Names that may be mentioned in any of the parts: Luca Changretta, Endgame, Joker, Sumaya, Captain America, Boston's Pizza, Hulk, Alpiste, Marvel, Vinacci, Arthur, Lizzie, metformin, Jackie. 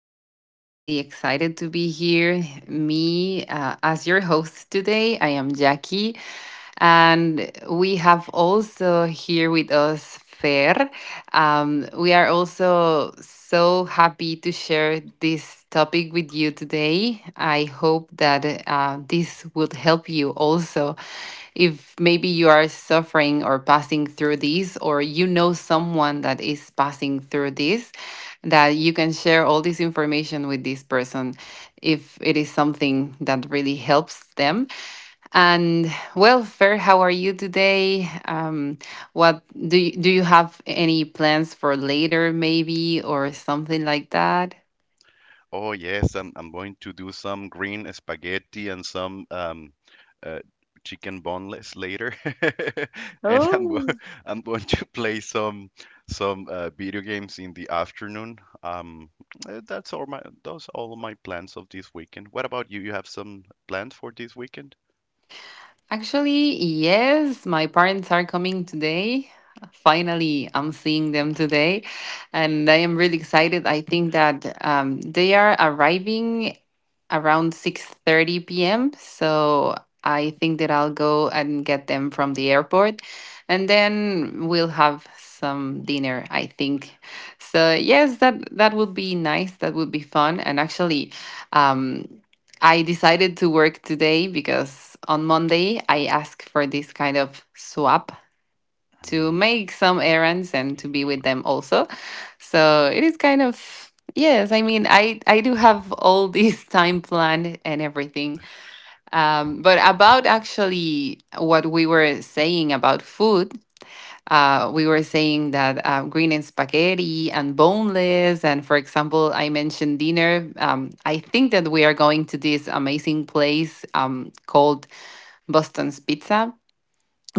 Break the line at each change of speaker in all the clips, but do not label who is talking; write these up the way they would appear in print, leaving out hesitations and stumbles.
We are really, really excited to be here. Me, as your host today, I am Jackie. And we have also here with us Fer. We are also so happy to share this topic with you today. I hope that this would help you also. If maybe you are suffering or passing through this, or you know someone that is passing through this, that you can share all this information with this person if it is something that really helps them. And well, Fer, how are you today? What do you have any plans for later, maybe, or something like that?
Oh yes, I'm going to do some green spaghetti and some uh, chicken boneless later, and I'm go I'm going to play some video games in the afternoon. Um, that's all my those all my plans of this weekend. What about you? You have some plans for this weekend?
Actually, yes, my parents are coming today. Finally, I'm seeing them today, and I am really excited. I think that they are arriving around 6:30 p.m. So I think that I'll go and get them from the airport, and then we'll have some dinner, I think. So yes, that would be nice. That would be fun. And actually, um, I decided to work today because on Monday I asked for this kind of swap to
Mm,
make some errands and to be with them also. So it is kind of, yes, I mean, I do have all this time planned and everything. But
oh,
about actually what we were saying about food, we were saying that green and spaghetti and boneless. And for example, I mentioned dinner. I think that we are going to this amazing place called Boston's Pizza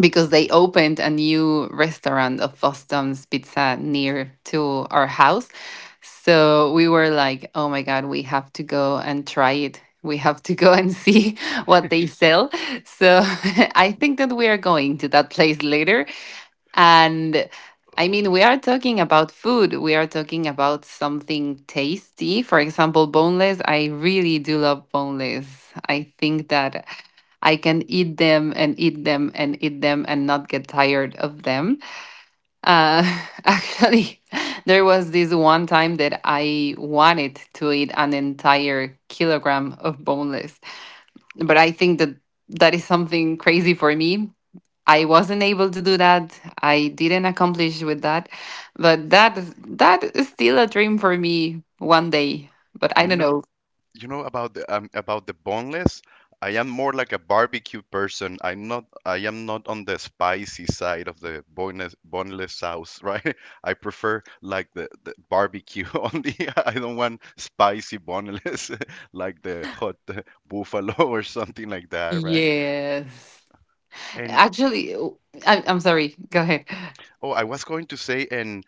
because they
mhm.
opened a new restaurant of Boston's Pizza near to our house. So we were like, oh my God, we have to go and try it. We have to go and see what they sell. So I think that we are going to that place later. And I mean, we
Oh,
are talking about food. We are talking about something tasty. For example, boneless. I really do love boneless. I think that I can eat them and eat them and eat them and not get tired of them. Uh, Actually, there was this one time that I wanted to eat an entire kilogram of boneless, but I think that that is something crazy for me. I wasn't able to do that. I didn't accomplish with that. But that, that is still a dream for me one day. But I
You
don't
know,
know.
you know about the boneless. I am more like a barbecue person. I am not on the spicy side of the boneless sauce, right? I prefer like the barbecue only. I don't want spicy boneless like the hot buffalo or something like that, right?
Yes.
and
Actually, I'm sorry. Go ahead.
Oh, I was going to say and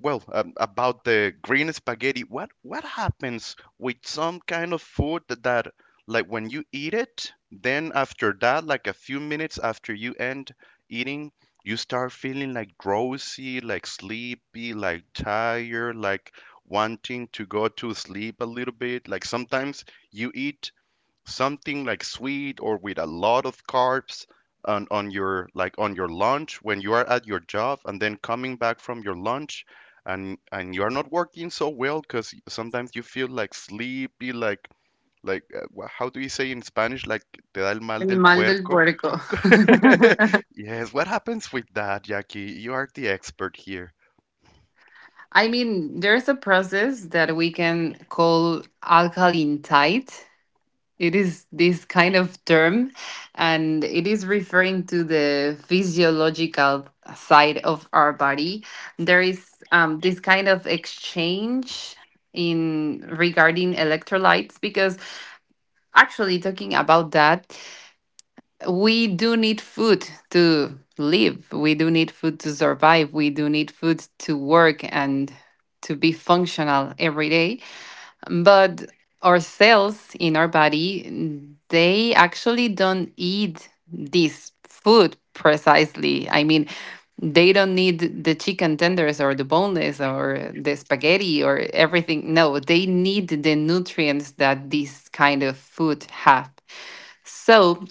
well, about the green spaghetti. What happens with some kind of food that like when you eat it, then after that, like a few minutes after you end eating, you start feeling like drowsy, like sleepy, like tired, like wanting to go to sleep a little bit. Like sometimes you eat something like sweet or with a lot of carbs on your like on your lunch when you are at your job, and then coming back from your lunch and you are not working so well because sometimes you feel like sleepy like like how do you say in Spanish, like te da el mal
El
del
mal del
puerco.
puerco.
Yes, what happens with that, Jackie? You are the expert here.
I mean, there's a process that we can call alkaline tide. It is this kind of term, and it is referring to the physiological side of our body. There is this kind of exchange in regarding electrolytes, because actually, talking about that, we do need food to live. We do need food to survive. We do need food to work and to be functional every day, but our cells in our body, they actually don't eat this food precisely. I mean, they don't need the chicken tenders or the boneless or the spaghetti or everything. No, they need the nutrients that this kind of food have. So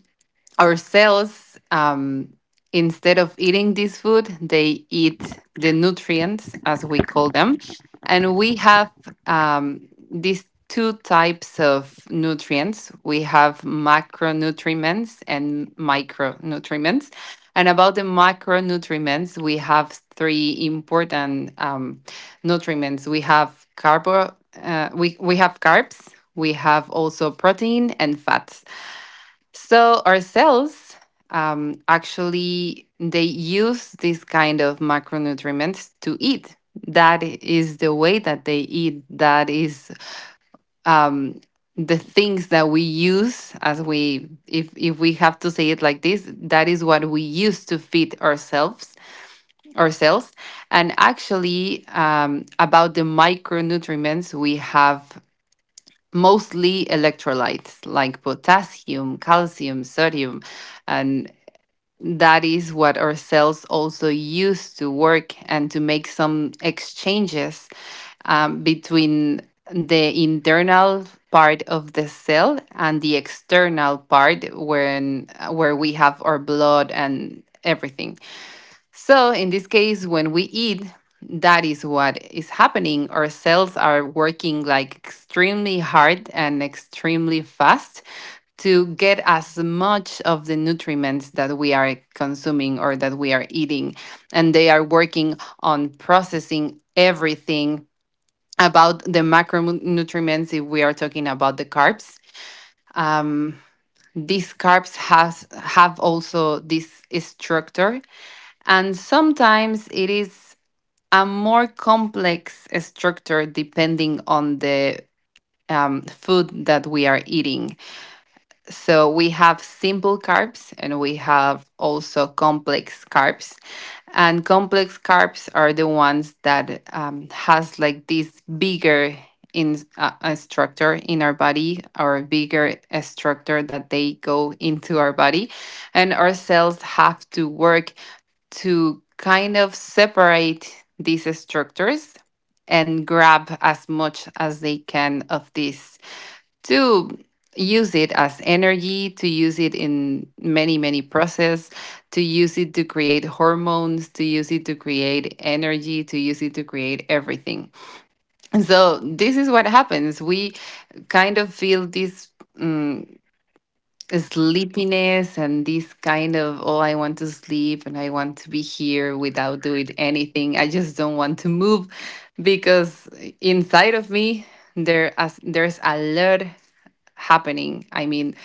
ourselves, instead of eating this food, they eat the nutrients, as we call them. And we have these two types of nutrients. We have macronutrients and micronutrients. And about the macronutrients, we have three important nutrients. We have we have carbs, we have also protein and fats. So ourselves, actually, they use this kind of macronutrients to eat. That is the way that they eat. That is, um, the things that we use, as we, if we have to say it like this, that is what we use to feed ourselves. And actually, about the micronutrients, we have mostly electrolytes like potassium, calcium, sodium, and that is what our cells also use to work and to make some exchanges between the internal part of the cell and the external part, when where we have our blood and everything. So in this case, when we eat, that is what is happening. Our cells are working like extremely hard and extremely fast to get as much of the nutrients that we are consuming or that we are eating. And they are working on processing everything. About the macronutrients, if we are talking about the carbs. Um, these carbs has have also this structure, and sometimes it is a more complex structure depending on the food that we are eating. So we have simple carbs and we have also complex carbs. And complex carbs are the ones that has like this bigger in structure in our body, or bigger a structure that they go into our body, and our cells have to work to kind of separate these structures and grab as much as they can of these, to use it as energy, to use it in many, many processes, to use it to create hormones, to use it to create energy, to use it to create everything. So this is what happens. We kind of feel this mm,
it's, l-
sleepiness and this kind of, oh, I want to sleep and I want to be here without doing anything. I just don't want to move, because inside of me, there's a lot happening. I mean,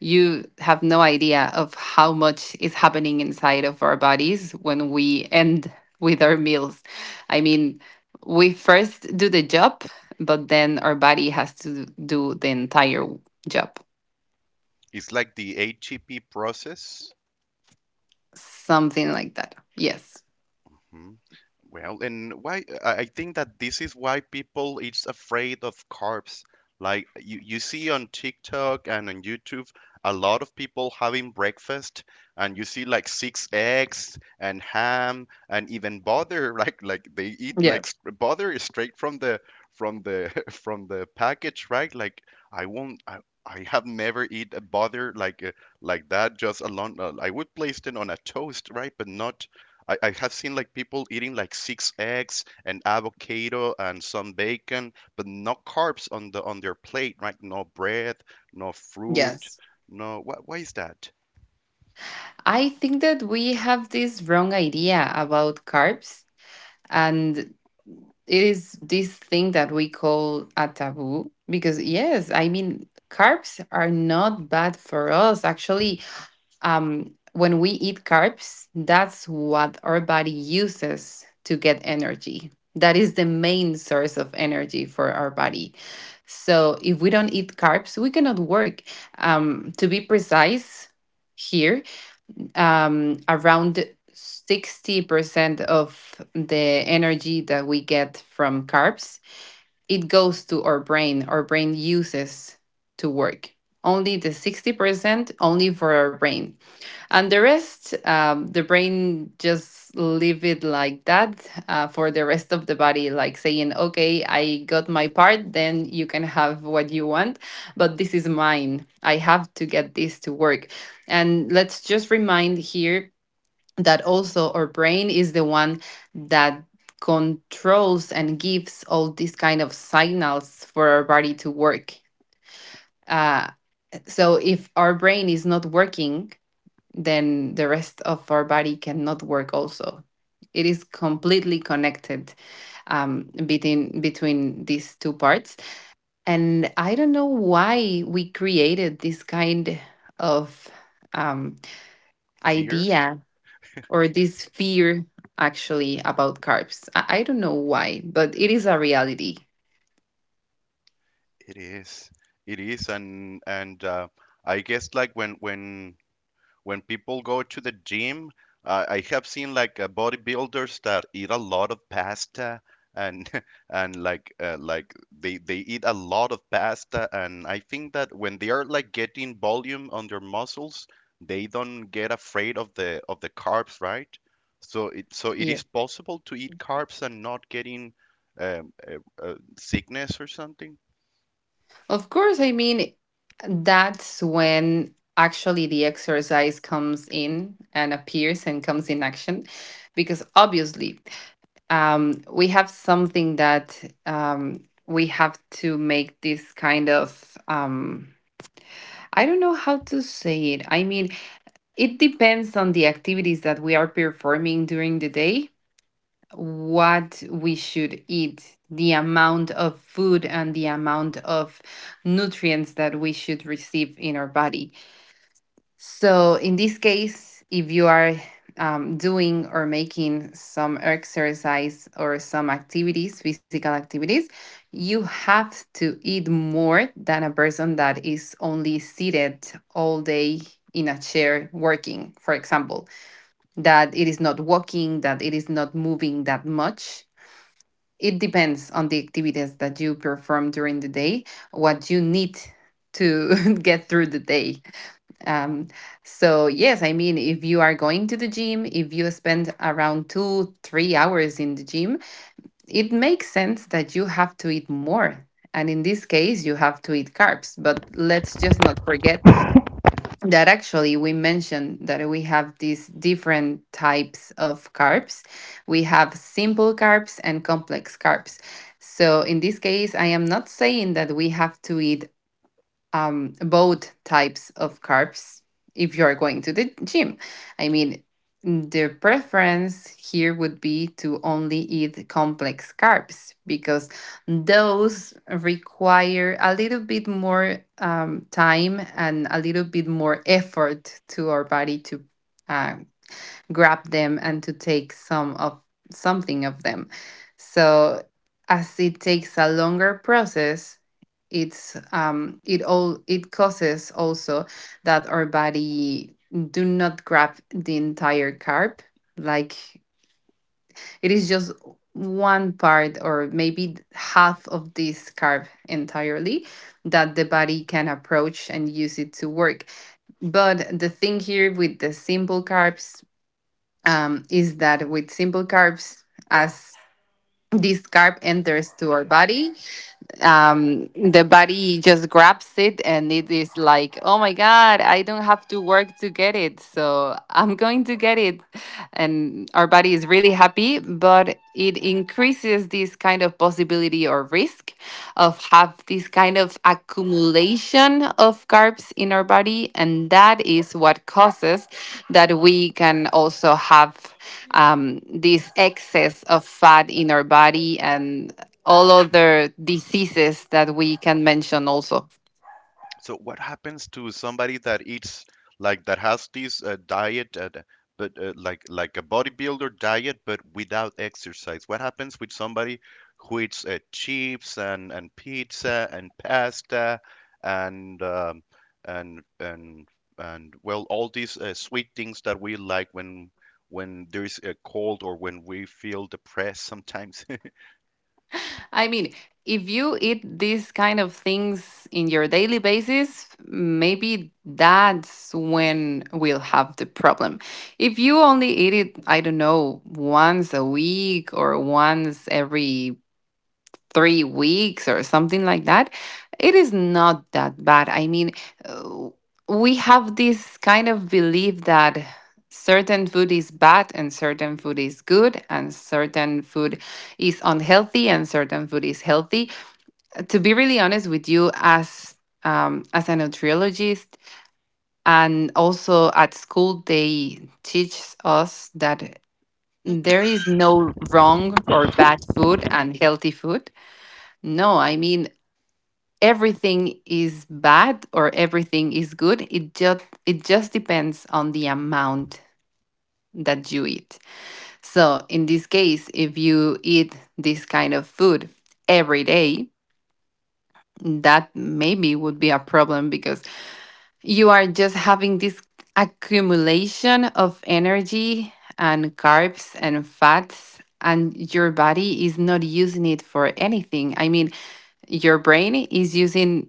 you have no idea of how much is happening inside of our bodies when we end with our meals. I mean, we first do the job, but then our body has to do the entire job.
it's like the ATP process.
Something like that. Yes.
Mm-hmm. Well, and why I think that this is why people is afraid of carbs. Like you see on TikTok and on YouTube a lot of people having breakfast, and you see like six eggs and ham and even butter like they eat
Yeah.
butter is straight from the from the package, right? Like I won't I have never eat a butter like that just alone. I would place it on a toast, right? But not I have seen like people eating like six eggs and avocado and some bacon, but no carbs on the on their plate, right? No bread, no fruit,
Yes.
no. What why is that?
I think that we have this wrong idea about carbs, and it is this thing that we call a taboo. Because yes, I mean, carbs are not bad for us actually. When we eat carbs, that's what our body uses to get energy. That is the main source of energy for our body. So if we don't eat carbs, we cannot work. To be precise here, around 60% of the energy that we get from carbs, it goes to our brain. Our brain uses to work only the 60% only for our brain. And the rest, the brain just leave it like that, for the rest of the body, like saying, okay, I got my part, then you can have what you want. But this is mine, I have to get this to work. And let's just remind here that also our brain is the one that controls and gives all these kind of signals for our body to work. Uh, so if our brain is not working, then the rest of our body cannot work also. It is completely connected between these two parts. And I don't know why we created this kind of um,
Fear?
idea or this fear actually about carbs. I don't know why, but it is a reality.
It is. It is and I guess like when people go to the gym, I have seen like bodybuilders that eat a lot of pasta and and like they eat a lot of pasta, and I think that when they are like getting volume on their muscles, they don't get afraid of the carbs, right? So it
Yeah.
is possible to eat carbs and not getting um, uh, sickness or something.
Of course, I mean, that's when actually the exercise comes in and appears and comes in action, because obviously, we have something that, we have to make this kind of. I don't know how to say it. I mean, it depends on the activities that we are performing during the day, what we should eat, the amount of food, and the amount of nutrients that we should receive in our body. So, in this case, if you are doing or making some exercise or some activities, physical activities, you have to eat more than a person that is only seated all day in a chair working, for example, that it is not walking, that it is not moving that much. It depends on the activities that you perform during the day, what you need to get through the day. Um, so yes, I mean, if you are going to the gym, if you spend around 2, 3 hours in the gym, it makes sense that you have to eat more. And in this case, you have to eat carbs. But let's just not forget that actually we mentioned that we have these different types of carbs. We have simple carbs and complex carbs. So in this case, I am not saying that we have to eat both types of carbs if you're going to the gym. I mean, the preference here would be to only eat complex carbs because those require a little bit more time and a little bit more effort to our body to. uh, grab them and to take some of something of them. So as it takes a longer process, it's it all it causes also that our body do not grab the entire carb, like it is just one part or maybe half of this carb entirely that the body can approach and use it to work. But the thing here with the simple carbs, is that with simple carbs, as this carb enters to our body, the body just grabs it and it is like, oh my God, I don't have to work to get it. So I'm going to get it. And our body is really happy, but it increases this kind of possibility or risk of have this kind of accumulation of carbs in our body. And that is what causes that we can also have, this excess of fat in our body and all other diseases that we can mention also.
So what happens to somebody that eats like that has this diet, but like a bodybuilder diet, but without exercise? What happens with somebody who eats chips and pizza and pasta and and and and well, all these sweet things that we like when there's a cold or when we feel depressed sometimes?
I mean, if you eat these kind of things in your daily basis, maybe that's when we'll have the problem. If you only eat it, I don't know, once a week or once every three weeks or something like that, it is not that bad. I mean, uh, we have this kind of belief that certain food is bad and certain food is good and certain food is unhealthy and certain food is healthy. To be really honest with you, as, as a nutriologist and also at school, they teach us that there is no wrong or bad food and healthy food. No, I mean, everything is bad or everything is good. It just depends on the amount that you eat. So in this case, if you eat this kind of food every day, that maybe would be a problem because you are just having this accumulation of energy and carbs and fats and your body is not using it for anything. I mean, your brain is using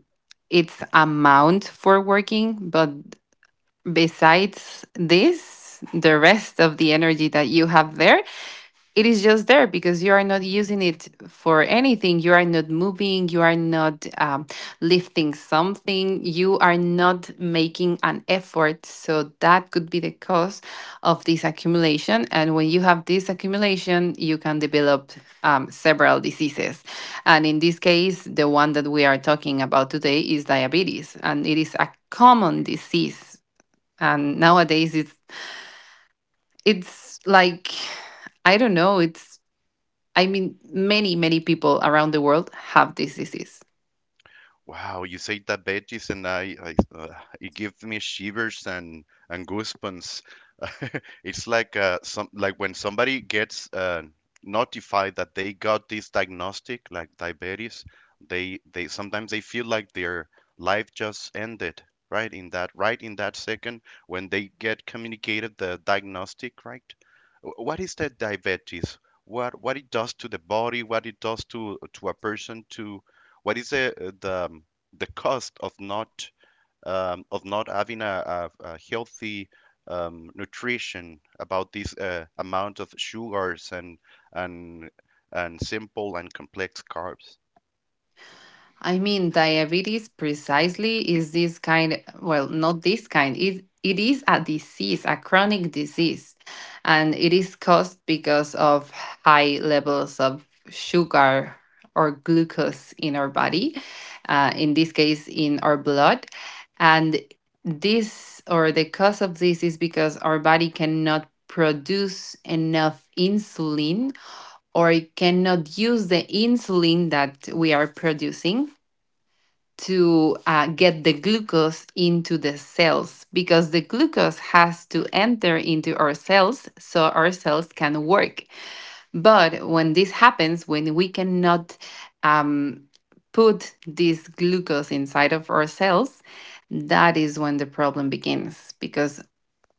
its amount for working, but besides this, the rest of the energy that you have there, it is just there because you are not using it for anything. You are not moving. You are not, lifting something. You are not making an effort. So that could be the cause of this accumulation. And when you have this accumulation, you can develop, several diseases. And in this case, the one that we are talking about today is diabetes, and it is a common disease. And nowadays, it's like, I don't know. It's, I mean, many, many people around the world have this disease.
Wow, you say diabetes, and I it gives me shivers and goosebumps. It's like some like when somebody gets notified that they got this diagnostic, like diabetes, they sometimes they feel like their life just ended, right? In that right in that second when they get communicated the diagnostic, right? What is that diabetes? What it does to the body? What it does to a person to what is the the cost of not having a healthy nutrition about this amount of sugars and and simple and complex carbs?
I mean, diabetes precisely is this kind, well, not this kind. It is a disease, a chronic disease, and it is caused because of high levels of sugar or glucose in our body, in this case, in our blood. And this or the cause of this is because our body cannot produce enough insulin or cannot use the insulin that we are producing to get the glucose into the cells because the glucose has to enter into our cells so our cells can work. But when this happens, when we cannot, um, put this glucose inside of our cells, that is when the problem begins because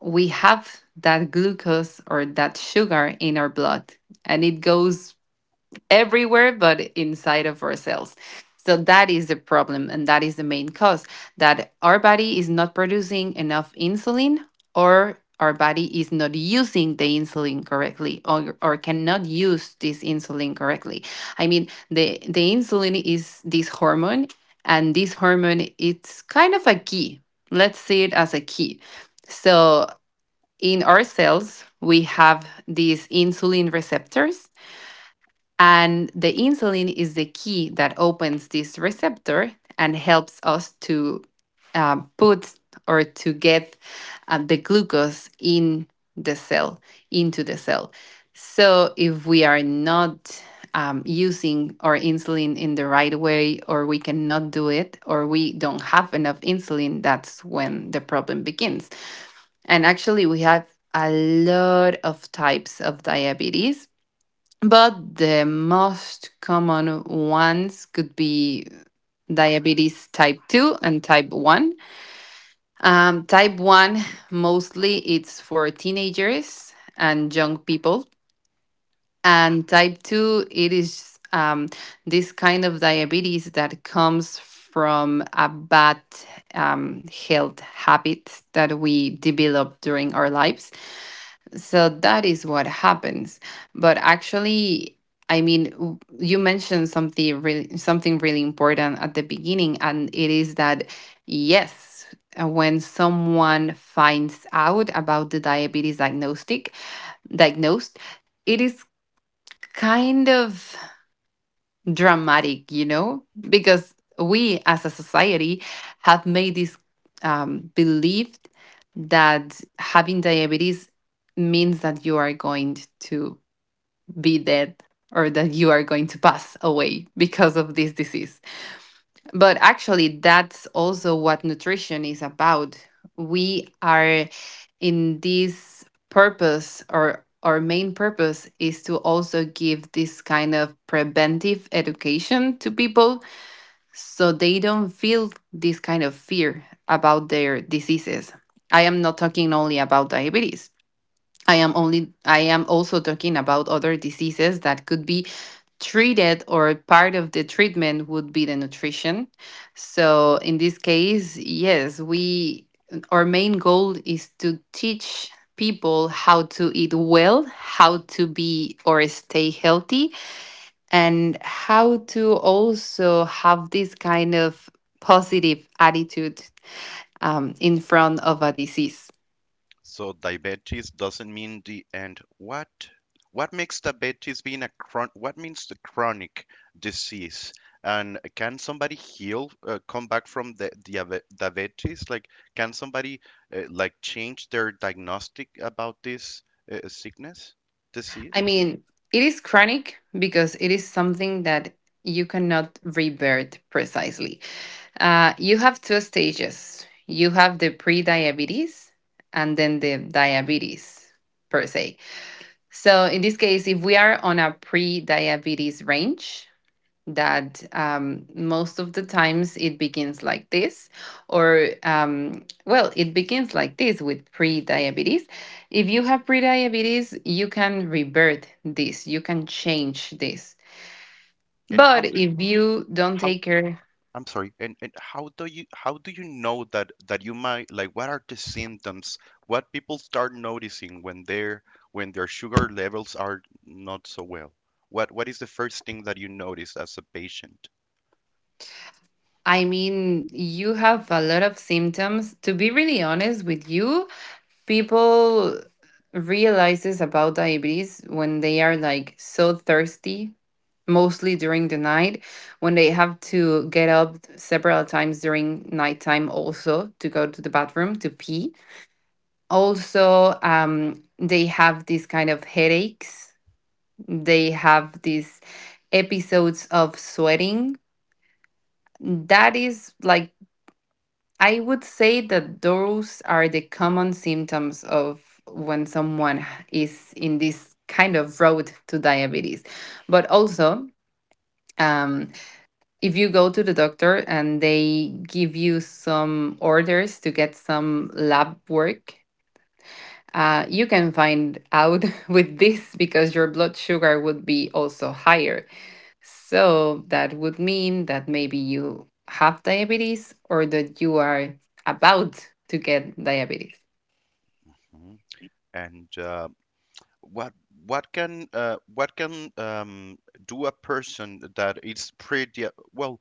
we have that glucose or that sugar in our blood and it goes everywhere but inside of ourselves. So that is the problem, and that is the main cause that our body is not producing enough insulin, or our body is not using the insulin correctly, or cannot use this insulin correctly. I mean, the insulin is this hormone, and this hormone it's kind of a key. Let's see it as a key. So in our cells, we have these insulin receptors and the insulin is the key that opens this receptor and helps us to put or to get the glucose in the cell, into the cell. So if we are not, using our insulin in the right way, or we cannot do it, or we don't have enough insulin, that's when the problem begins. And actually, we have a lot of types of diabetes, but the most common ones could be diabetes type 2 and type 1. Type 1, mostly it's for teenagers and young people. And type 2, it is, this kind of diabetes that comes from a bad, health habit that we develop during our lives. So that is what happens. But actually, I mean, you mentioned something really important at the beginning, and it is that yes, when someone finds out about the diabetes diagnostic diagnosed, it is kind of dramatic, you know, because we as a society have made this, belief that having diabetes means that you are going to be dead or that you are going to pass away because of this disease. But actually, that's also what nutrition is about. We are in this purpose, or our main purpose is to also give this kind of preventive education to people so they don't feel this kind of fear about their diseases. I am not talking only about diabetes. I am only I am also talking about other diseases that could be treated or part of the treatment would be the nutrition. So in this case, yes, we our main goal is to teach people how to eat well, how to be or stay healthy and how to also have this kind of positive attitude, in front of a disease.
So diabetes doesn't mean the end. What? What makes diabetes being a what means the chronic disease? And can somebody heal, come back from the diabetes? Like, can somebody like change their diagnostic about this sickness,
I
disease?
mean, it is chronic because it is something that you cannot revert precisely. You have two stages. You have the pre-diabetes and then the diabetes per se. So in this case, if we are on a pre-diabetes range, that, most of the times it begins like this, or well, it begins like this with pre-diabetes. If you have pre-diabetes, you can revert this, you can change this.
And how
But
do
if you don't
how
take care.
I'm sorry. And how do you know that you might, like, what are the symptoms? What people start noticing when their sugar levels are not so well? What is the first thing that you notice as a patient?
I mean, you have a lot of symptoms. To be really honest with you, people realizes about diabetes when they are like so thirsty, mostly during the night, when they have to get up several times during nighttime also to go to the bathroom to pee. Also, they have these kind of headaches. They have these episodes of sweating. That is like, I would say that those are the common symptoms of when someone is in this kind of road to diabetes. But also, um, if you go to the doctor and they give you some orders to get some lab work, you can find out with this because your blood sugar would be also higher. So that would mean that maybe you have diabetes or that you are about to get diabetes.
Mhm. And what what can do a person that is pretty well?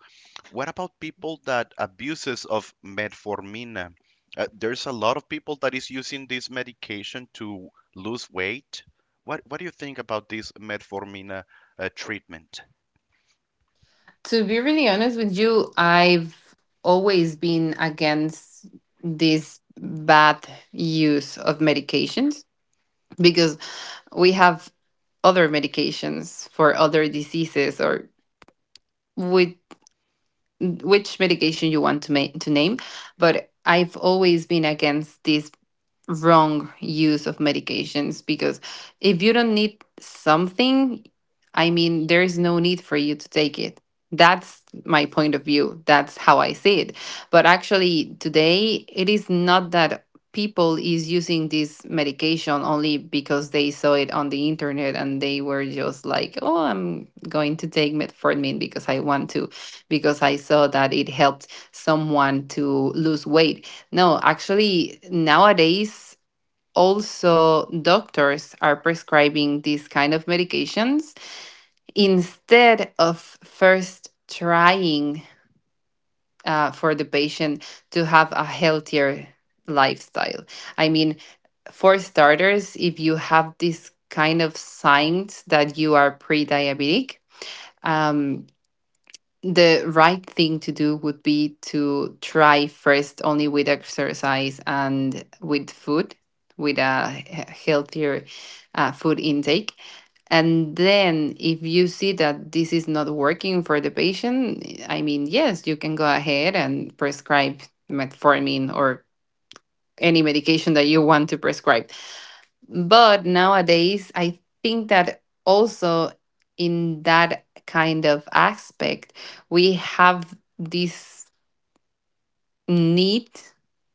What about people that abuses of metformina? There's a lot of people that is using this medication to lose weight. What do you think about this metformina treatment?
To be really honest with you, I've always been against this bad use of medications. Because we have other medications for other diseases or with which medication you want to make to name, but I've always been against this wrong use of medications because if you don't need something, I mean, there is no need for you to take it. That's my point of view. That's how I see it. But actually, today, it is not that people is using this medication only because they saw it on the internet and they were just like, oh, I'm going to take metformin because I want to, because I saw that it helped someone to lose weight. No, actually, nowadays, also doctors are prescribing these kind of medications instead of first trying for the patient to have a healthier lifestyle. I mean, for starters, if you have this kind of signs that you are pre-diabetic, um, the right thing to do would be to try first only with exercise and with food, with a healthier food intake. And then, if you see that this is not working for the patient, I mean, yes, you can go ahead and prescribe metformin or any medication that you want to prescribe. But nowadays, I think that also in that kind of aspect, we have this need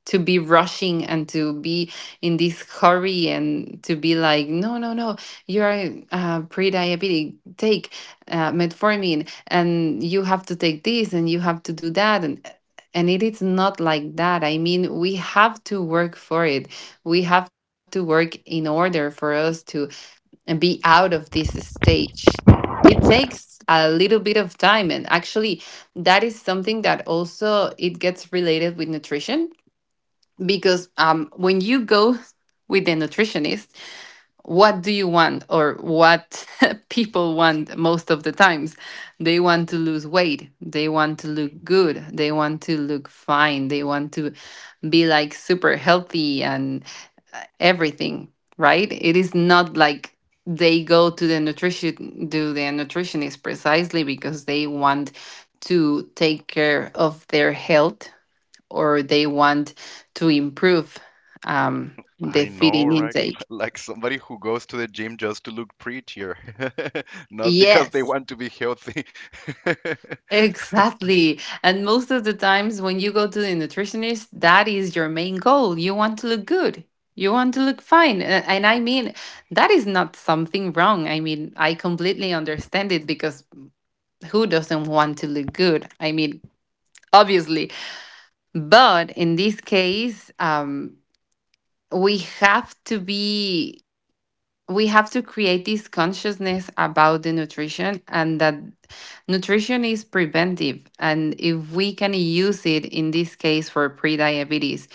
to be rushing and to be in this hurry and to be like, no, no, no, you're pre-diabetic, take metformin and you have to take this and you have to do that. And it is not like that. I mean, we have to work for it, we have to work in order for us to and be out of this stage. It takes a little bit of time, and actually that is something that also it gets related with nutrition because when you go with the nutritionist, what do you want, or what people want most of the times, they want to lose weight, they want to look good, they want to look fine, they want to be like super healthy and everything, right? It is not like they go to the nutrition do the nutritionist precisely because they want to take care of their health or they want to improve, the
I know,
feeding
right?
intake.
Like somebody who goes to the gym just to look prettier, not because they
Yes,
want to be healthy.
exactly. And most of the times when you go to the nutritionist, that is your main goal. You want to look good. You want to look fine. And I mean, that is not something wrong. I mean, I completely understand it because who doesn't want to look good? I mean, obviously. But in this case, we have to be we have to create this consciousness about the nutrition, and that nutrition is preventive. And if we can use it in this case for pre-diabetes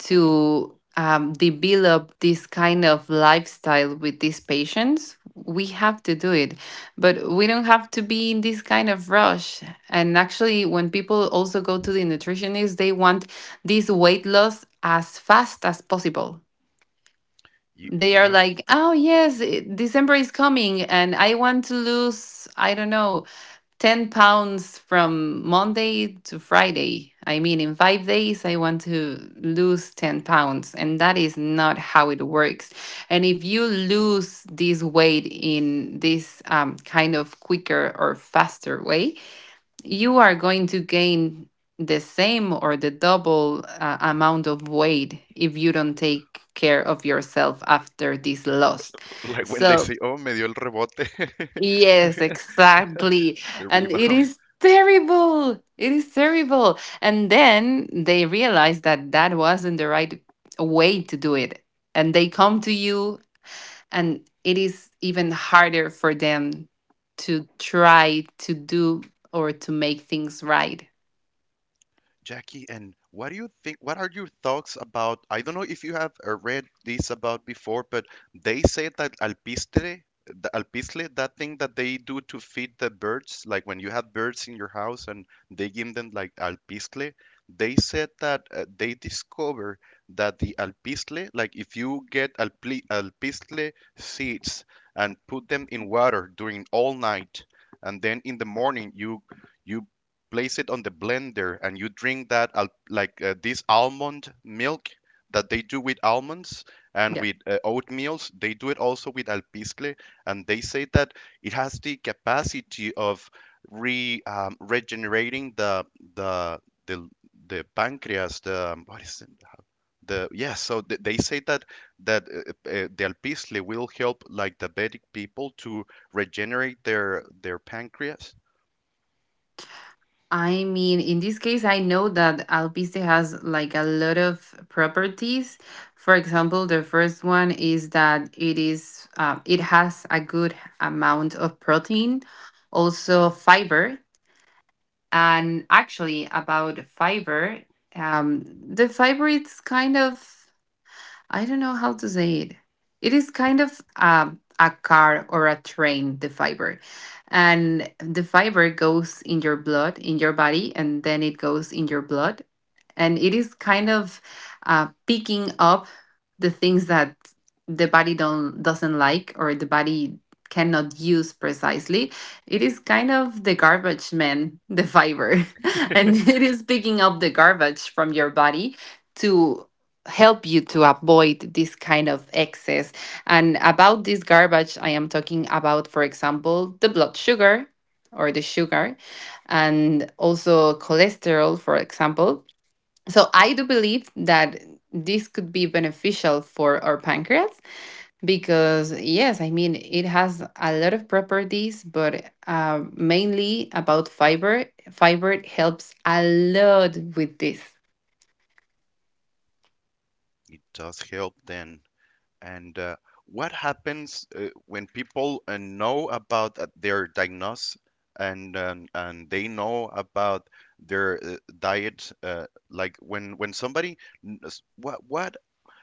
to develop this kind of lifestyle with these patients, we have to do it. But we don't have to be in this kind of rush. And actually, when people also go to the nutritionist, they want this weight loss as fast as possible. They
You
are
know,
like, oh, yes, December is coming and I want to lose, I don't know, 10 pounds from Monday to Friday. I mean, in 5 days, I want to lose 10 pounds. And that is not how it works. And if you lose this weight in this kind of quicker or faster way, you are going to gain the same or the double amount of weight if you don't take care of yourself after this loss.
like when they
So,
say, oh, me dio el rebote.
yes, exactly.
The
And it
rebound.
is terrible. It is terrible. And then they realize that that wasn't the right way to do it. And they come to you, and it is even harder for them to try to do or to make things right.
Jackie, and what do you think? What are your thoughts about? I don't know if you have read this about before, but they say that alpistre, the alpisle, that thing that they do to feed the birds, like when you have birds in your house and they give them like alpisle, they said that they discover that the alpisle, like if you get alpli alpisle seeds and put them in water during all night, and then in the morning you place it on the blender and you drink that like this almond milk that they do with almonds and with oatmeals they do it also with alpizcle, and they say that it has the capacity of re regenerating the the the pancreas, the what is it, the, yeah. So they say that the alpizcle will help like diabetic people to regenerate their pancreas.
I mean, in this case, I know that Alpiste has like a lot of properties. For example, the first one is that it has a good amount of protein, also fiber. And actually, about fiber, um, the fiber, it's kind of, I don't know how to say it. It is kind of a car or a train, the fiber. And the fiber goes in your blood, in your body, and then it goes in your blood. And it is kind of picking up the things that the body don't doesn't like, or the body cannot use precisely. It is kind of the garbage man, the fiber. And it is picking up the garbage from your body to help you to avoid this kind of excess. And about this garbage, I am talking about, for example, the blood sugar or the sugar, and also cholesterol, for example. So I do believe that this could be beneficial for our pancreas, because, yes, I mean, it has a lot of properties, but mainly about fiber, fiber helps a lot with this.
It does help then. And what happens when people know about their diagnosis and they know about their diet? Like when somebody, what.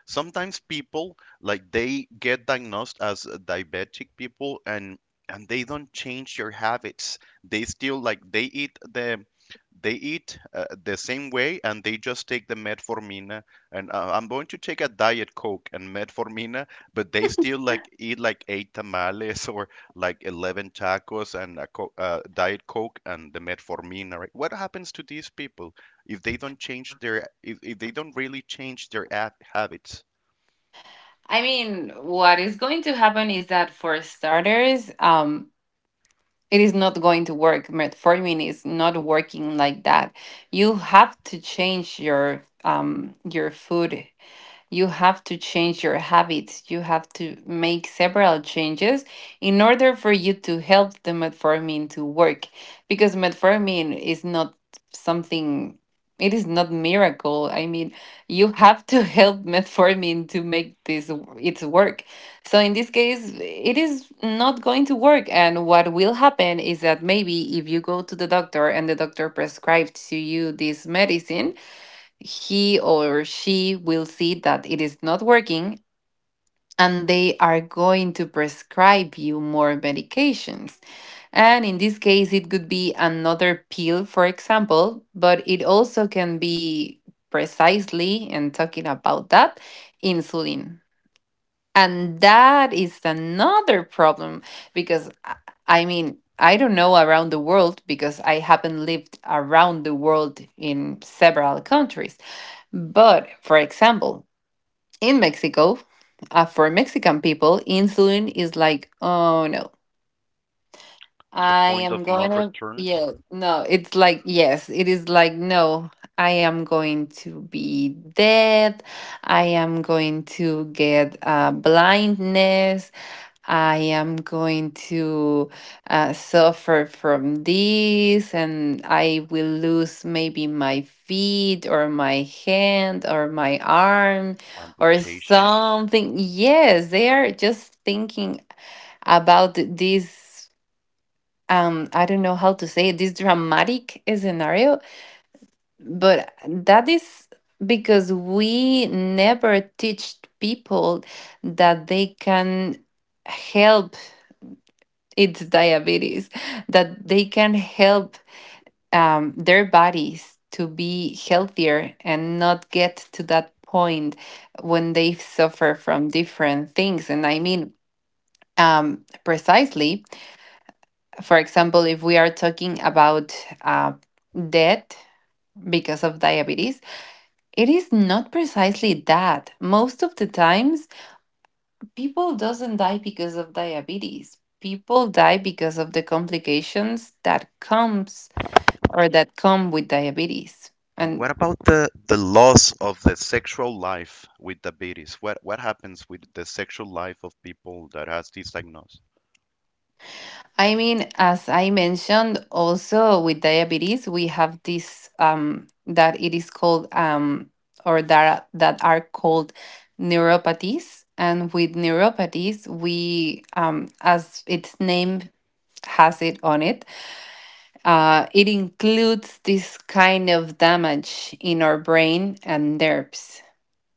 Sometimes people like they get diagnosed as diabetic people and they don't change their habits. They still like they eat the same way, and they just take the metformina and I'm going to take a diet coke and metformina, but they still like eat like eight tamales or like 11 tacos and a diet coke and the metformina, right? What happens to these people if they don't change their if they don't really change their habits?
I mean, what is going to happen is that for starters, it is not going to work. Metformin is not working like that. You have to change your food, you have to change your habits. You have to make several changes in order for you to help the metformin to work, because metformin is not something, it is not miracle. I mean, you have to help metformin to make this its work. So in this case, it is not going to work. And what will happen is that maybe if you go to the doctor and the doctor prescribes to you this medicine, he or she will see that it is not working, and they are going to prescribe you more medications. And in this case, it could be another pill, for example, but it also can be, precisely, and talking about that, insulin. And that is another problem, because I mean, I don't know around the world, because I haven't lived around the world in several countries, but, for example, in Mexico, for Mexican people, insulin is like, oh no,
The
I
point of
am
no
going to,
return,
yeah, no, it's like, yes, it is like, no, I am going to be dead. I am going to get blindness. I am going to suffer from this, and I will lose maybe my feet or my hand or my arm or
amputation.
something. Yes, they are just thinking about this. I don't know how to say it, this dramatic scenario, but that is because we never teach people that they can help, it's diabetes, that they can help their bodies to be healthier and not get to that point when they suffer from different things. And I mean, precisely, for example, if we are talking about uh, death because of diabetes, it is not precisely that, most of the times, people doesn't die because of diabetes, people die because of the complications that comes, or that come with diabetes.
And
And
what about the loss of the sexual life with diabetes? What happens with the sexual life of people that has this diagnosis?
I mean, as I mentioned, also with diabetes, we have this, that it is called, or that that are called neuropathies. And with neuropathies, we, as its name has it on it, it includes this kind of damage in our brain and nerves.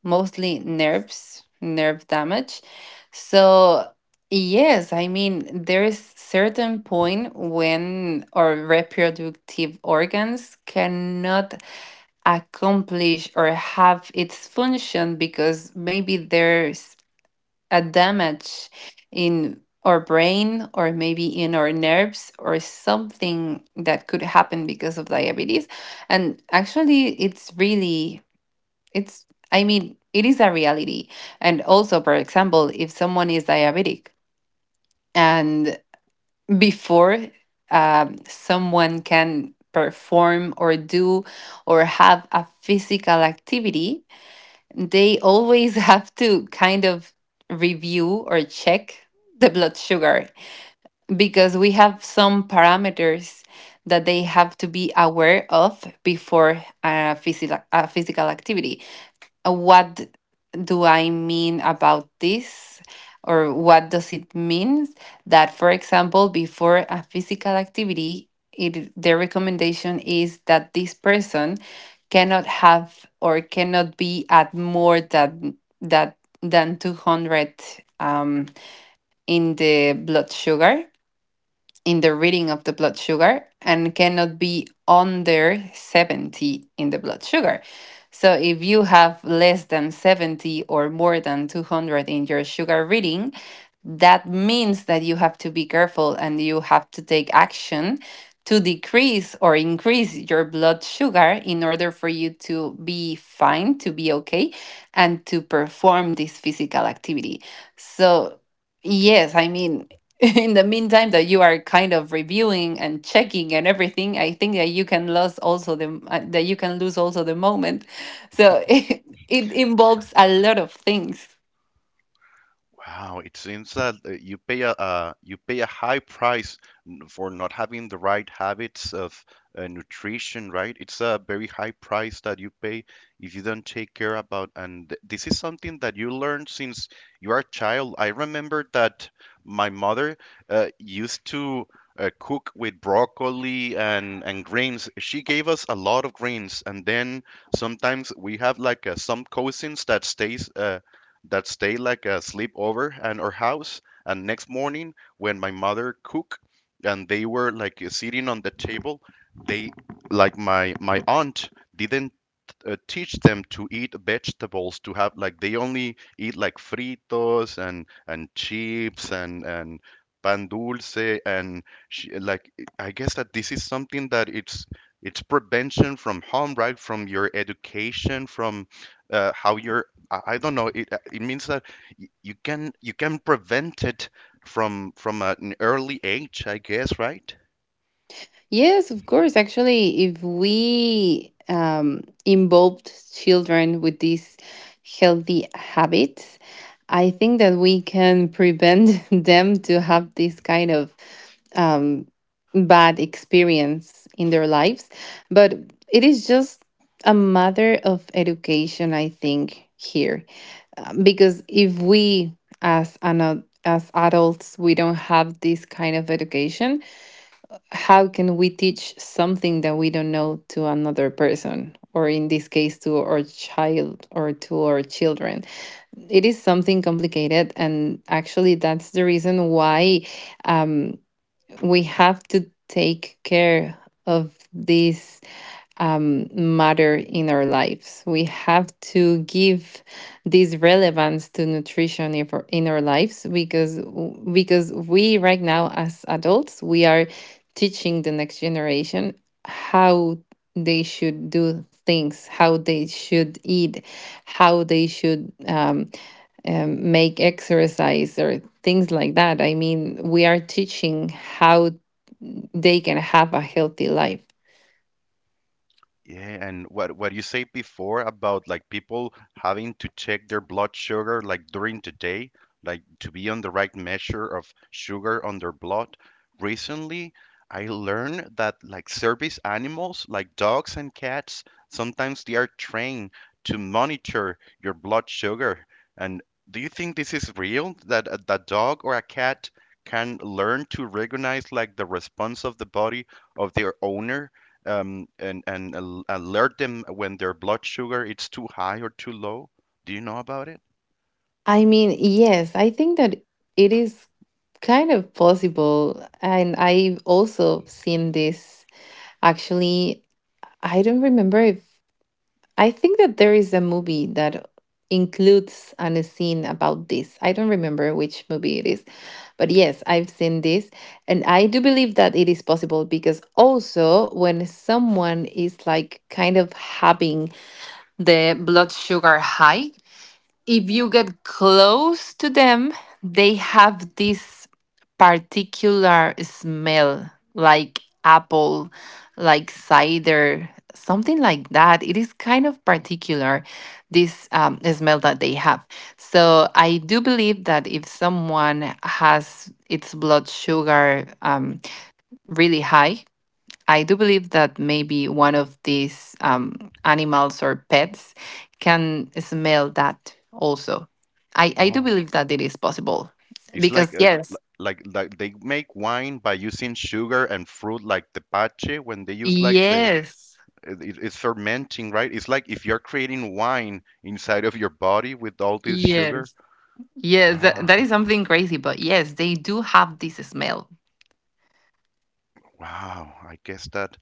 Mostly nerves, nerve damage. So, yes, I mean, there is certain point when our reproductive organs cannot accomplish or have its function, because maybe there's a damage in our brain or maybe in our nerves or something that could happen because of diabetes. And actually it's really, it's, I mean, it is a reality. And also, for example, if someone is diabetic and before, someone can perform or do or have a physical activity, they always have to kind of review or check the blood sugar, because we have some parameters that they have to be aware of before a physical activity. What do I mean about this? Or what does it mean that, for example, before a physical activity, it, the recommendation is that this person cannot have or cannot be at more than that, than 200 um, in the blood sugar, in the reading of the blood sugar, and cannot be under 70 in the blood sugar. So if you have less than 70 or more than 200 in your sugar reading, that means that you have to be careful and you have to take action to decrease or increase your blood sugar in order for you to be fine, to be okay, and to perform this physical activity. So, yes, I mean, in the meantime that you are kind of reviewing and checking and everything, I think that you can lose also the, that you can lose also the moment. So, it involves a lot of things.
Wow, it seems that you pay a high price for not having the right habits of nutrition, right? It's a very high price that you pay if you don't take care about. And this is something that you learn since you are a child. I remember that my mother used to cook with broccoli and greens. She gave us a lot of greens, and then sometimes we have like some cousins that stays. That stayed like a sleepover at our house. And next morning, when my mother cooked, and they were like sitting on the table, they, like, my aunt didn't teach them to eat vegetables to have like they only eat like fritos and chips and pan dulce and she, like, I guess that this is something that it's prevention from harm, right? From your education, from how you're, I don't know. It means that you can prevent it from an early age, I guess, right?
Yes, of course. Actually, if we involved children with these healthy habits, I think that we can prevent them to have this kind of um, bad experience in their lives. But it is just a matter of education, I think, here. Because if we as adults we don't have this kind of education, how can we teach something that we don't know to another person, or in this case to our child or to our children? It is something complicated. And actually that's the reason why um, we have to take care of these um, matter in our lives. We have to give this relevance to nutrition in our lives, because we right now as adults, we are teaching the next generation how they should do things, how they should eat, how they should make exercise or things like that. I mean, we are teaching how they can have a healthy life.
Yeah, and what you said before about like people having to check their blood sugar like during the day, like to be on the right measure of sugar on their blood. Recently, I learned that like service animals like dogs and cats, sometimes they are trained to monitor your blood sugar. And do you think this is real that that dog or a cat can learn to recognize like the response of the body of their owner, and alert them when their blood sugar it's too high or too low? Do you know about it?
I mean, yes, I think that it is kind of possible. And I've also seen this, actually. I don't remember if, I think that there is a movie that includes a scene about this. I don't remember which movie it is. But yes, I've seen this. And I do believe that it is possible, because also when someone is like kind of having the blood sugar high, if you get close to them, they have this particular smell, like apple, like cider, something like that. It is kind of particular, this smell that they have. So I do believe that if someone has its blood sugar really high, I do believe that maybe one of these animals or pets can smell that also. I do
Oh,
believe that it is possible,
it's like
because, yes,
like they make wine by using sugar and fruit, like the pache, when they use like the,
yes,
it- it's fermenting, right? It's like if you're creating wine inside of your body with all this sugar.
yes, yes, that,
Wow,
that is something crazy, but yes, they do have this smell.
wow. I guess that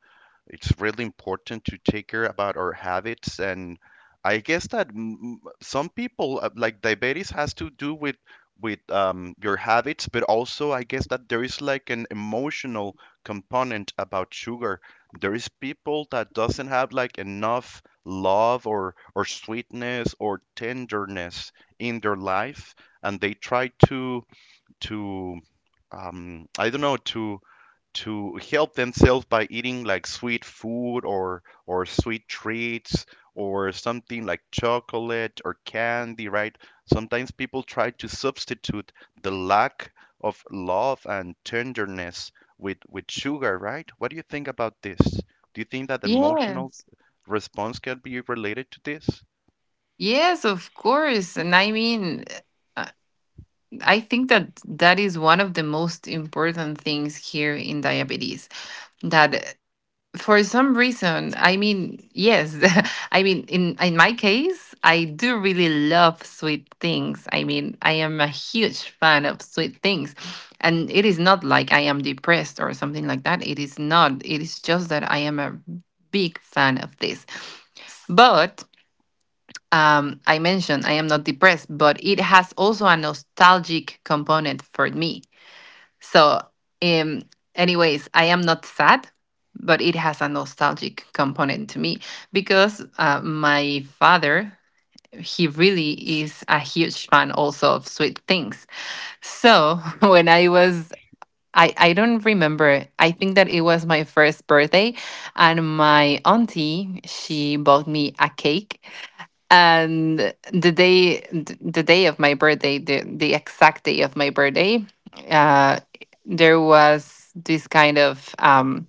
it's really important to take care about our habits. And I guess that some people like diabetes has to do with with your habits, but also I guess that there is like an emotional component about sugar. There is people that doesn't have like enough love, or sweetness or tenderness in their life, and they try to I don't know, to help themselves by eating like sweet food, or sweet treats or something like chocolate or candy, right? Sometimes people try to substitute the lack of love and tenderness with sugar, right? What do you think about this? Do you think that emotional
Yes,
response can be related to this?
yes, of course. And I mean, uh, I think that that is one of the most important things here in diabetes, that for some reason, I mean, yes, I mean, in my case, I do really love sweet things, I mean, I am a huge fan of sweet things, and it is not like I am depressed or something like that, it is not, it is just that I am a big fan of this. But I mentioned I am not depressed, but it has also a nostalgic component for me. So, um, anyways, I am not sad, but it has a nostalgic component to me, because my father, he really is a huge fan also of sweet things. So, when I was, I don't remember. I think that it was my first birthday, and my auntie, she bought me a cake and the day of my birthday, the exact day of my birthday uh there was this kind of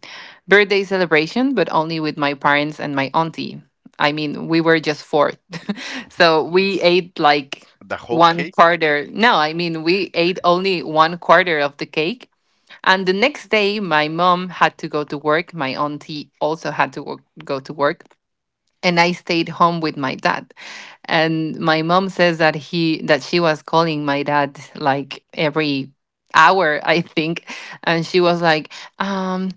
birthday celebration, but only with my parents and my auntie. I mean, we were just four. So we ate like
The whole
one
cake?
quarter. No I mean, we ate only one quarter of the cake. And the next day, my mom had to go to work, my auntie also had to go to work, and I stayed home with my dad. And my mom says that he that she was calling my dad like every hour, I think. And she was like, um,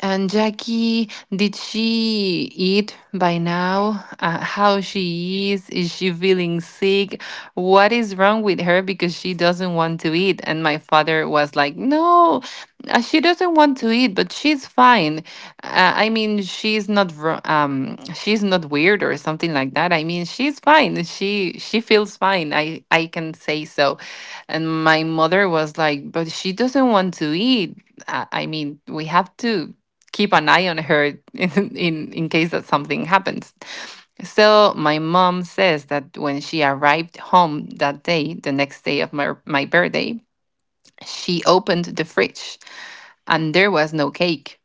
"And Jackie, did she eat by now? How she is? Is she feeling sick? What is wrong with her because she doesn't want to eat?" And my father was like, "No, she doesn't want to eat, but she's fine. I mean, she's not she's not weird or something like that. I mean, she's fine. She feels fine. I can say so." And my mother was like, "But she doesn't want to eat. I mean, we have to keep an eye on her in case that something happens." So my mom says that when she arrived home that day, the next day of my birthday, she opened the fridge and there was no cake.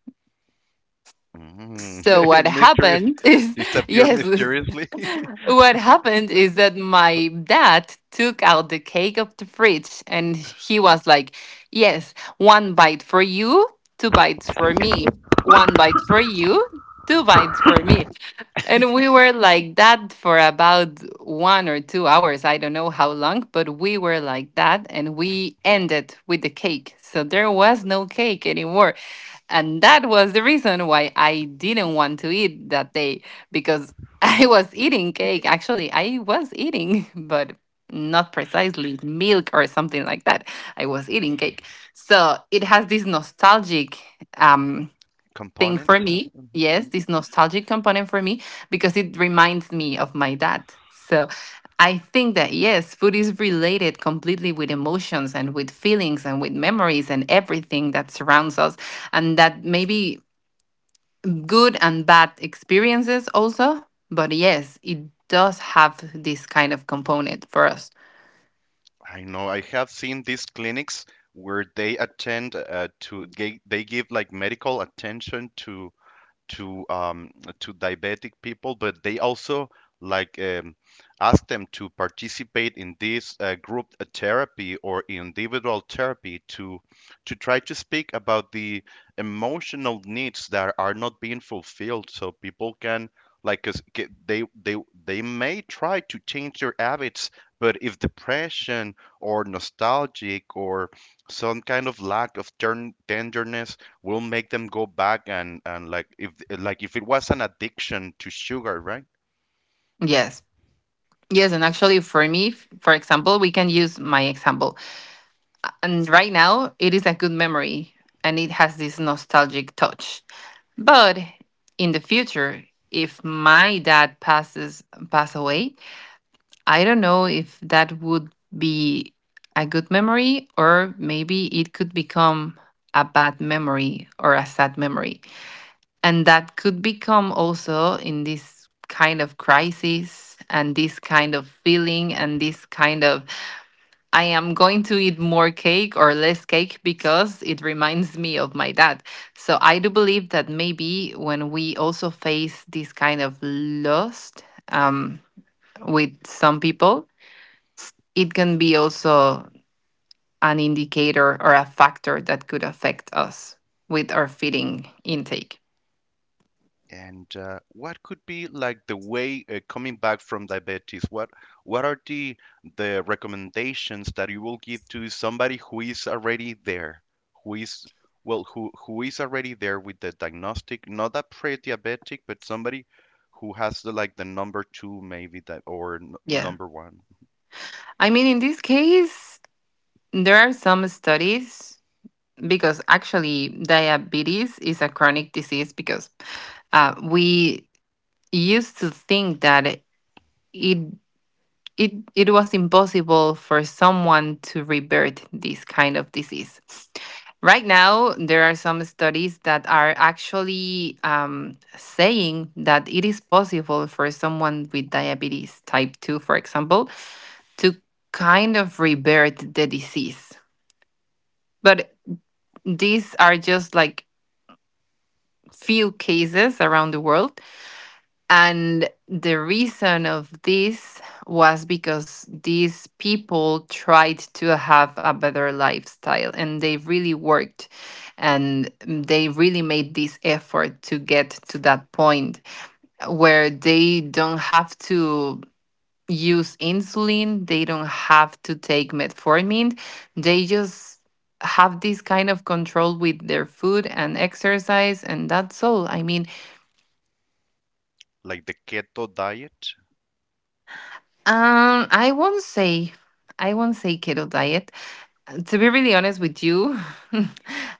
Mm.
So what
Mysterious,
happened is,
disappeared
yes,
mysteriously.
what happened is that my dad took out the cake of the fridge and he was like, "Yes, one bite for you, two bites for me. One bite for you, two bites for me." And we were like that for about 1 or 2 hours, I don't know how long, but we were like that and we ended with the cake. So there was no cake anymore. And that was the reason why I didn't want to eat that day, because I was eating cake. Actually, I was eating, but not precisely milk or something like that. I was eating cake. So it has this nostalgic um, thing
Component.
for me. Yes,
Mm.
this nostalgic component for me, because it reminds me of my dad. So I think that, yes, food is related completely with emotions and with feelings and with memories and everything that surrounds us, and that maybe good and bad experiences also. But yes, it does have this kind of component for us.
I know I have seen these clinics where they attend to they give like medical attention to to um, to diabetic people, but they also like ask them to participate in this group therapy or individual therapy to try to speak about the emotional needs that are not being fulfilled, so people can like 'cause they they may try to change their habits, but if depression or nostalgic or some kind of lack of tenderness will make them go back, and like if, like if it was an addiction to sugar, right?
Yes. Yes, and actually, for me, for example, we can use my example. And right now it is a good memory and it has this nostalgic touch, but in the future, if my dad pass away, I don't know if that would be a good memory, or maybe it could become a bad memory or a sad memory. And that could become also in this kind of crisis and this kind of feeling and this kind of, I am going to eat more cake or less cake because it reminds me of my dad. So I do believe that maybe when we also face this kind of lust, um, with some people, it can be also an indicator or a factor that could affect us with our feeding intake.
And what could be like the way coming back from diabetes? What are the recommendations that you will give to somebody who is already there, who is, well, who is already there with the diagnostic, not a pre-diabetic, but somebody who has the like the number two maybe, that or n
Yeah.
number one,
I mean, in this case, there are some studies, because actually diabetes is a chronic disease, because we used to think that it it was impossible for someone to revert this kind of disease. Right now, there are some studies that are actually saying that it is possible for someone with diabetes type 2, for example, to kind of revert the disease. But these are just like few cases around the world. And the reason of this was because these people tried to have a better lifestyle and they really worked and they really made this effort to get to that point where they don't have to use insulin, they don't have to take metformin, they just have this kind of control with their food and exercise and that's all. I mean,
like the keto diet?
Um, I won't say, I won't say keto diet. To be really honest with you,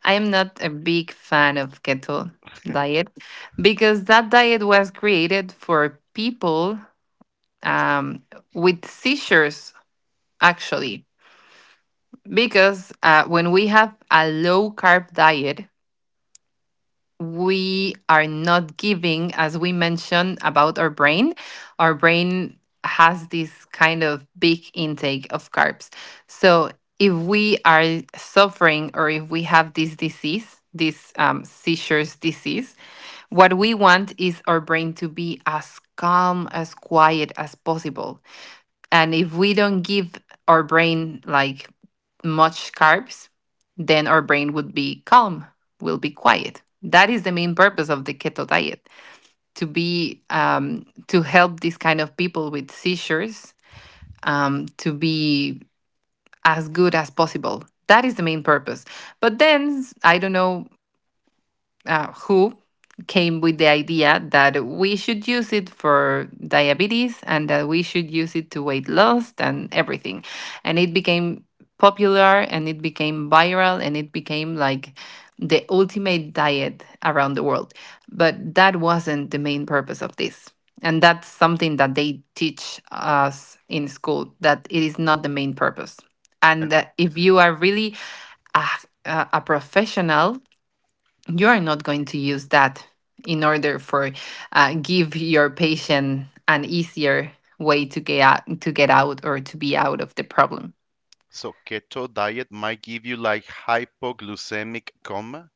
I am not a big fan of keto diet, because that diet was created for people, um, with seizures, actually. Because when we have a low carb diet, we are not giving, as we mentioned about our brain has this kind of big intake of carbs. So if we are suffering or if we have this disease, this seizures disease, what we want is our brain to be as calm, as quiet as possible. And if we don't give our brain like much carbs, then our brain would be calm, will be quiet. That is the main purpose of the keto diet, to be to help these kind of people with seizures, to be as good as possible. That is the main purpose. But then I don't know who came with the idea that we should use it for diabetes and that we should use it to weight loss and everything. And it became popular and it became viral and it became like the ultimate diet around the world. But that wasn't the main purpose of this. And that's something that they teach us in school, that it is not the main purpose. And
And.
that if you are really a, a professional, you are not going to use that in order for give your patient an easier way to get out or to be out of the problem.
So keto diet might give you like hypoglycemic coma.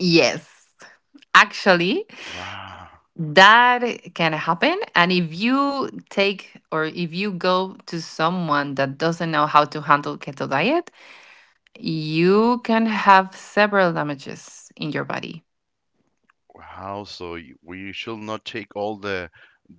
Yes, actually,
Wow.
that can happen. And if you take or if you go to someone that doesn't know how to handle keto diet, you can have several damages in your body.
Wow. So we should not take all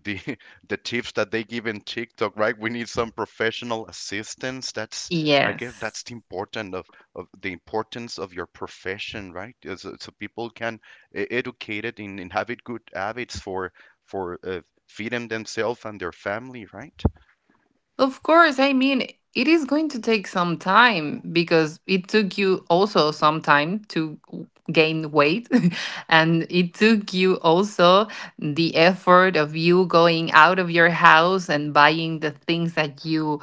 the the tips that they give in TikTok, right? We need some professional assistance. That's, I guess that's
Yes.
the important of the importance of your profession, right? So, so people can educate it in have it good habits for feeding themselves and their family, right?
Of course, I mean, it is going to take some time because it took you also some time to gain weight. And it took you also the effort of you going out of your house and buying the things that you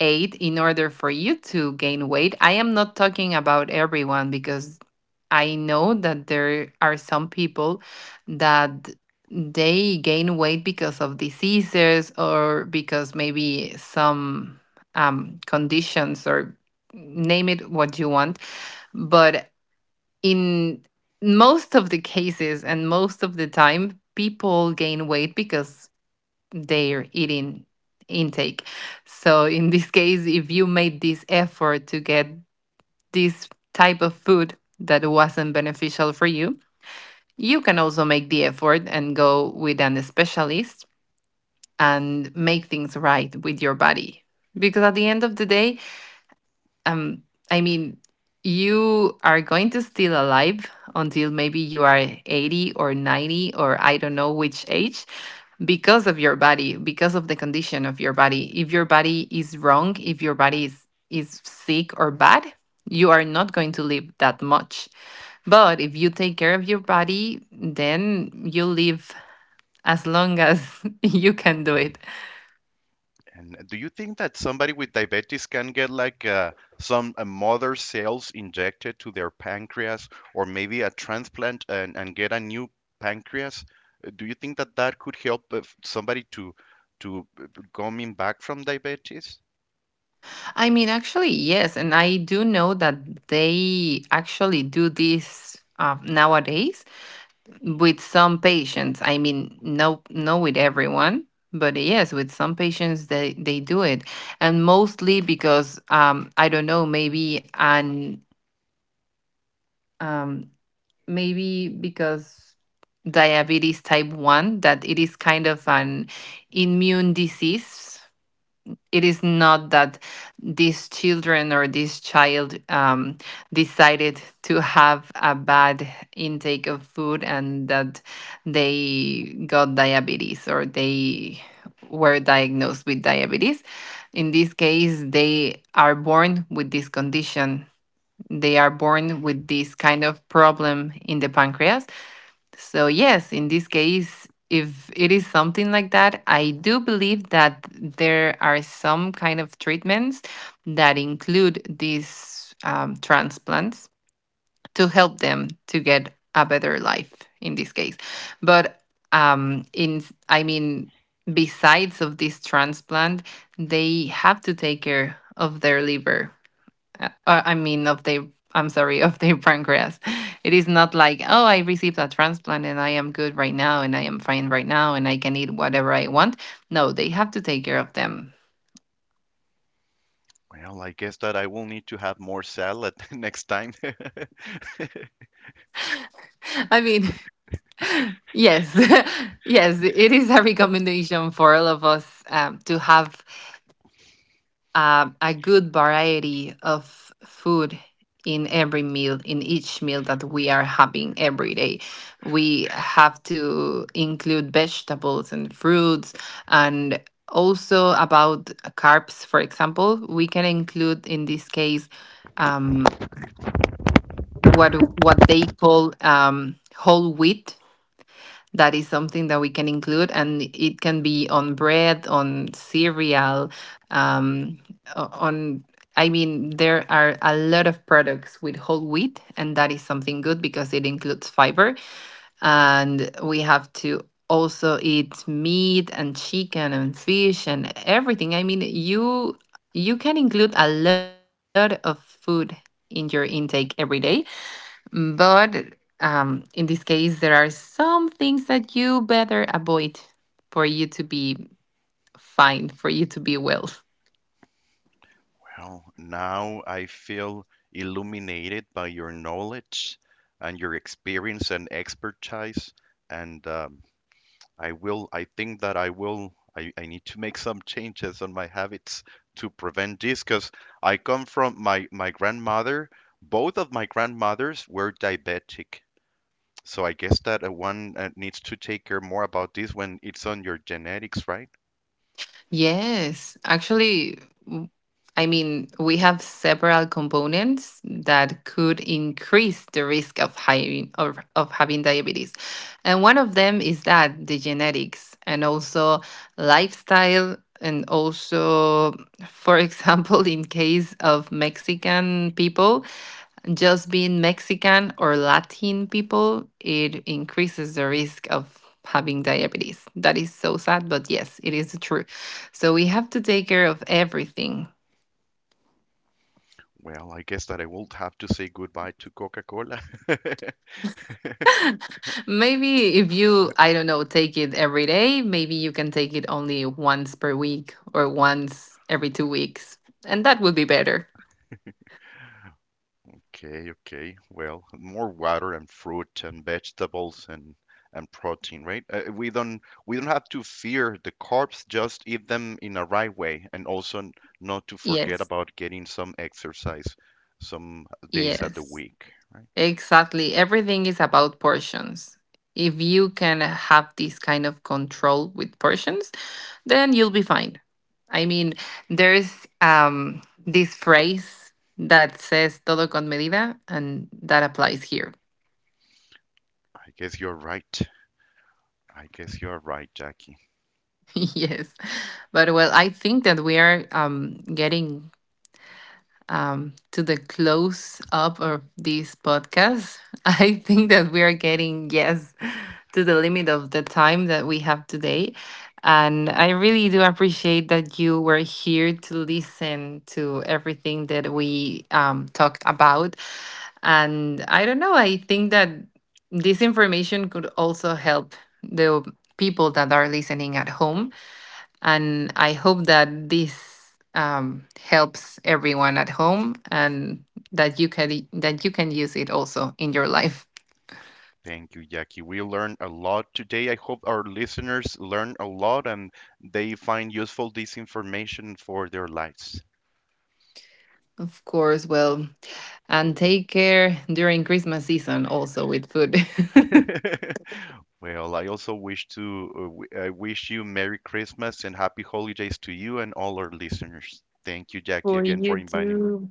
ate in order for you to gain weight. I am not talking about everyone, because I know that there are some people that they gain weight because of diseases or because maybe some conditions or name it what you want. But in most of the cases and most of the time, people gain weight because they're eating intake. So in this case, if you made this effort to get this type of food that wasn't beneficial for you, you can also make the effort and go with an specialist and make things right with your body. Because at the end of the day, um, I mean, you are going to still alive until maybe you are 80 or 90 or I don't know which age, because of your body, because of the condition of your body. If your body is wrong, if your body is sick or bad, you are not going to live that much. But if you take care of your body, then you live as long as you can do it.
And do you think that somebody with diabetes can get like some mother cells injected to their pancreas or maybe a transplant and get a new pancreas? Do you think that that could help somebody to coming back from diabetes?
I mean, actually, yes. And I do know that they actually do this. Nowadays with some patients. I mean, no with everyone, but yes, with some patients they do it. And mostly because, I don't know, maybe. And um Maybe because diabetes type 1, that it is kind of an immune disease, it is not that these children or this child, decided to have a bad intake of food and that they got diabetes or they were diagnosed with diabetes. In this case, they are born with this condition. They are born with this kind of problem in the pancreas. So, yes, in this case, if it is something like that, I do believe that there are some kind of treatments that include these transplants to help them to get a better life in this case. But um, in, I mean, besides of this transplant, they have to take care of their liver. I mean, of their, I'm sorry, of their pancreas. It is not like, "Oh, I received a transplant and I am good right now and I am fine right now and I can eat whatever I want." No, they have to take care of them.
Well, I guess that I will need to have more salad next time.
I mean, yes, yes, it is a recommendation for all of us, to have a good variety of food in every meal, in each meal that we are having every day. We have to include vegetables and fruits. And also about carbs, for example, we can include in this case, um, what what they call whole wheat. That is something that we can include and it can be on bread, on cereal, um, on I mean, there are a lot of products with whole wheat, and that is something good because it includes fiber. And we have to also eat meat and chicken and fish and everything. I mean, you can include a lot of food in your intake every day. But in this case, there are some things that you better avoid for you to be fine, for you to be well.
Well, now I feel illuminated by your knowledge and your experience and expertise and I will, I think that I will, I need to make some changes on my habits to prevent this, because I come from my, my grandmother, both of my grandmothers were diabetic. So I guess that one needs to take care more about this when it's on your genetics, right?
Yes, actually, w- I mean, we have several components that could increase the risk of having diabetes. And one of them is that the genetics, and also lifestyle, and also, for example, in case of Mexican people, just being Mexican or Latin people, it increases the risk of having diabetes. That is so sad, but yes, it is true. So we have to take care of everything.
Well, I guess that I will have to say goodbye to Coca-Cola.
Maybe if you, I don't know, take it every day, maybe you can take it only once per week or once every 2 weeks, and that would be better.
Okay, okay. Well, more water and fruit and vegetables and protein, right? We don't, we don't have to fear the carbs, just eat them in a right way, and also not to forget
Yes,
about getting some exercise some days at the
yes.
week, right?
Exactly. Everything is about portions. If you can have this kind of control with portions, then you'll be fine. I mean, there's this phrase that says todo con medida, and that applies here.
I guess you're right. I guess you're right, Jackie.
Yes. But well, I think that we are getting to the close up of this podcast. I think that we are getting, yes, to the limit of the time that we have today. And I really do appreciate that you were here to listen to everything that we talked about. And I don't know, I think that this information could also help the people that are listening at home. And I hope that this helps everyone at home and that you can use it also in your life.
Thank you, Jackie. We learned a lot today. I hope our listeners learn a lot and they find useful this information for their lives.
Of course, well, and take care during Christmas season also with food.
Well, I also wish to I wish you Merry Christmas and happy holidays to you and all our listeners. Thank you, Jackie,
For
again for
you
inviting me.
too.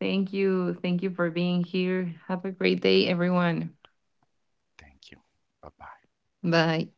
Thank you. Thank you for being here. Have a great day, everyone.
Thank you. Bye-bye.
Bye.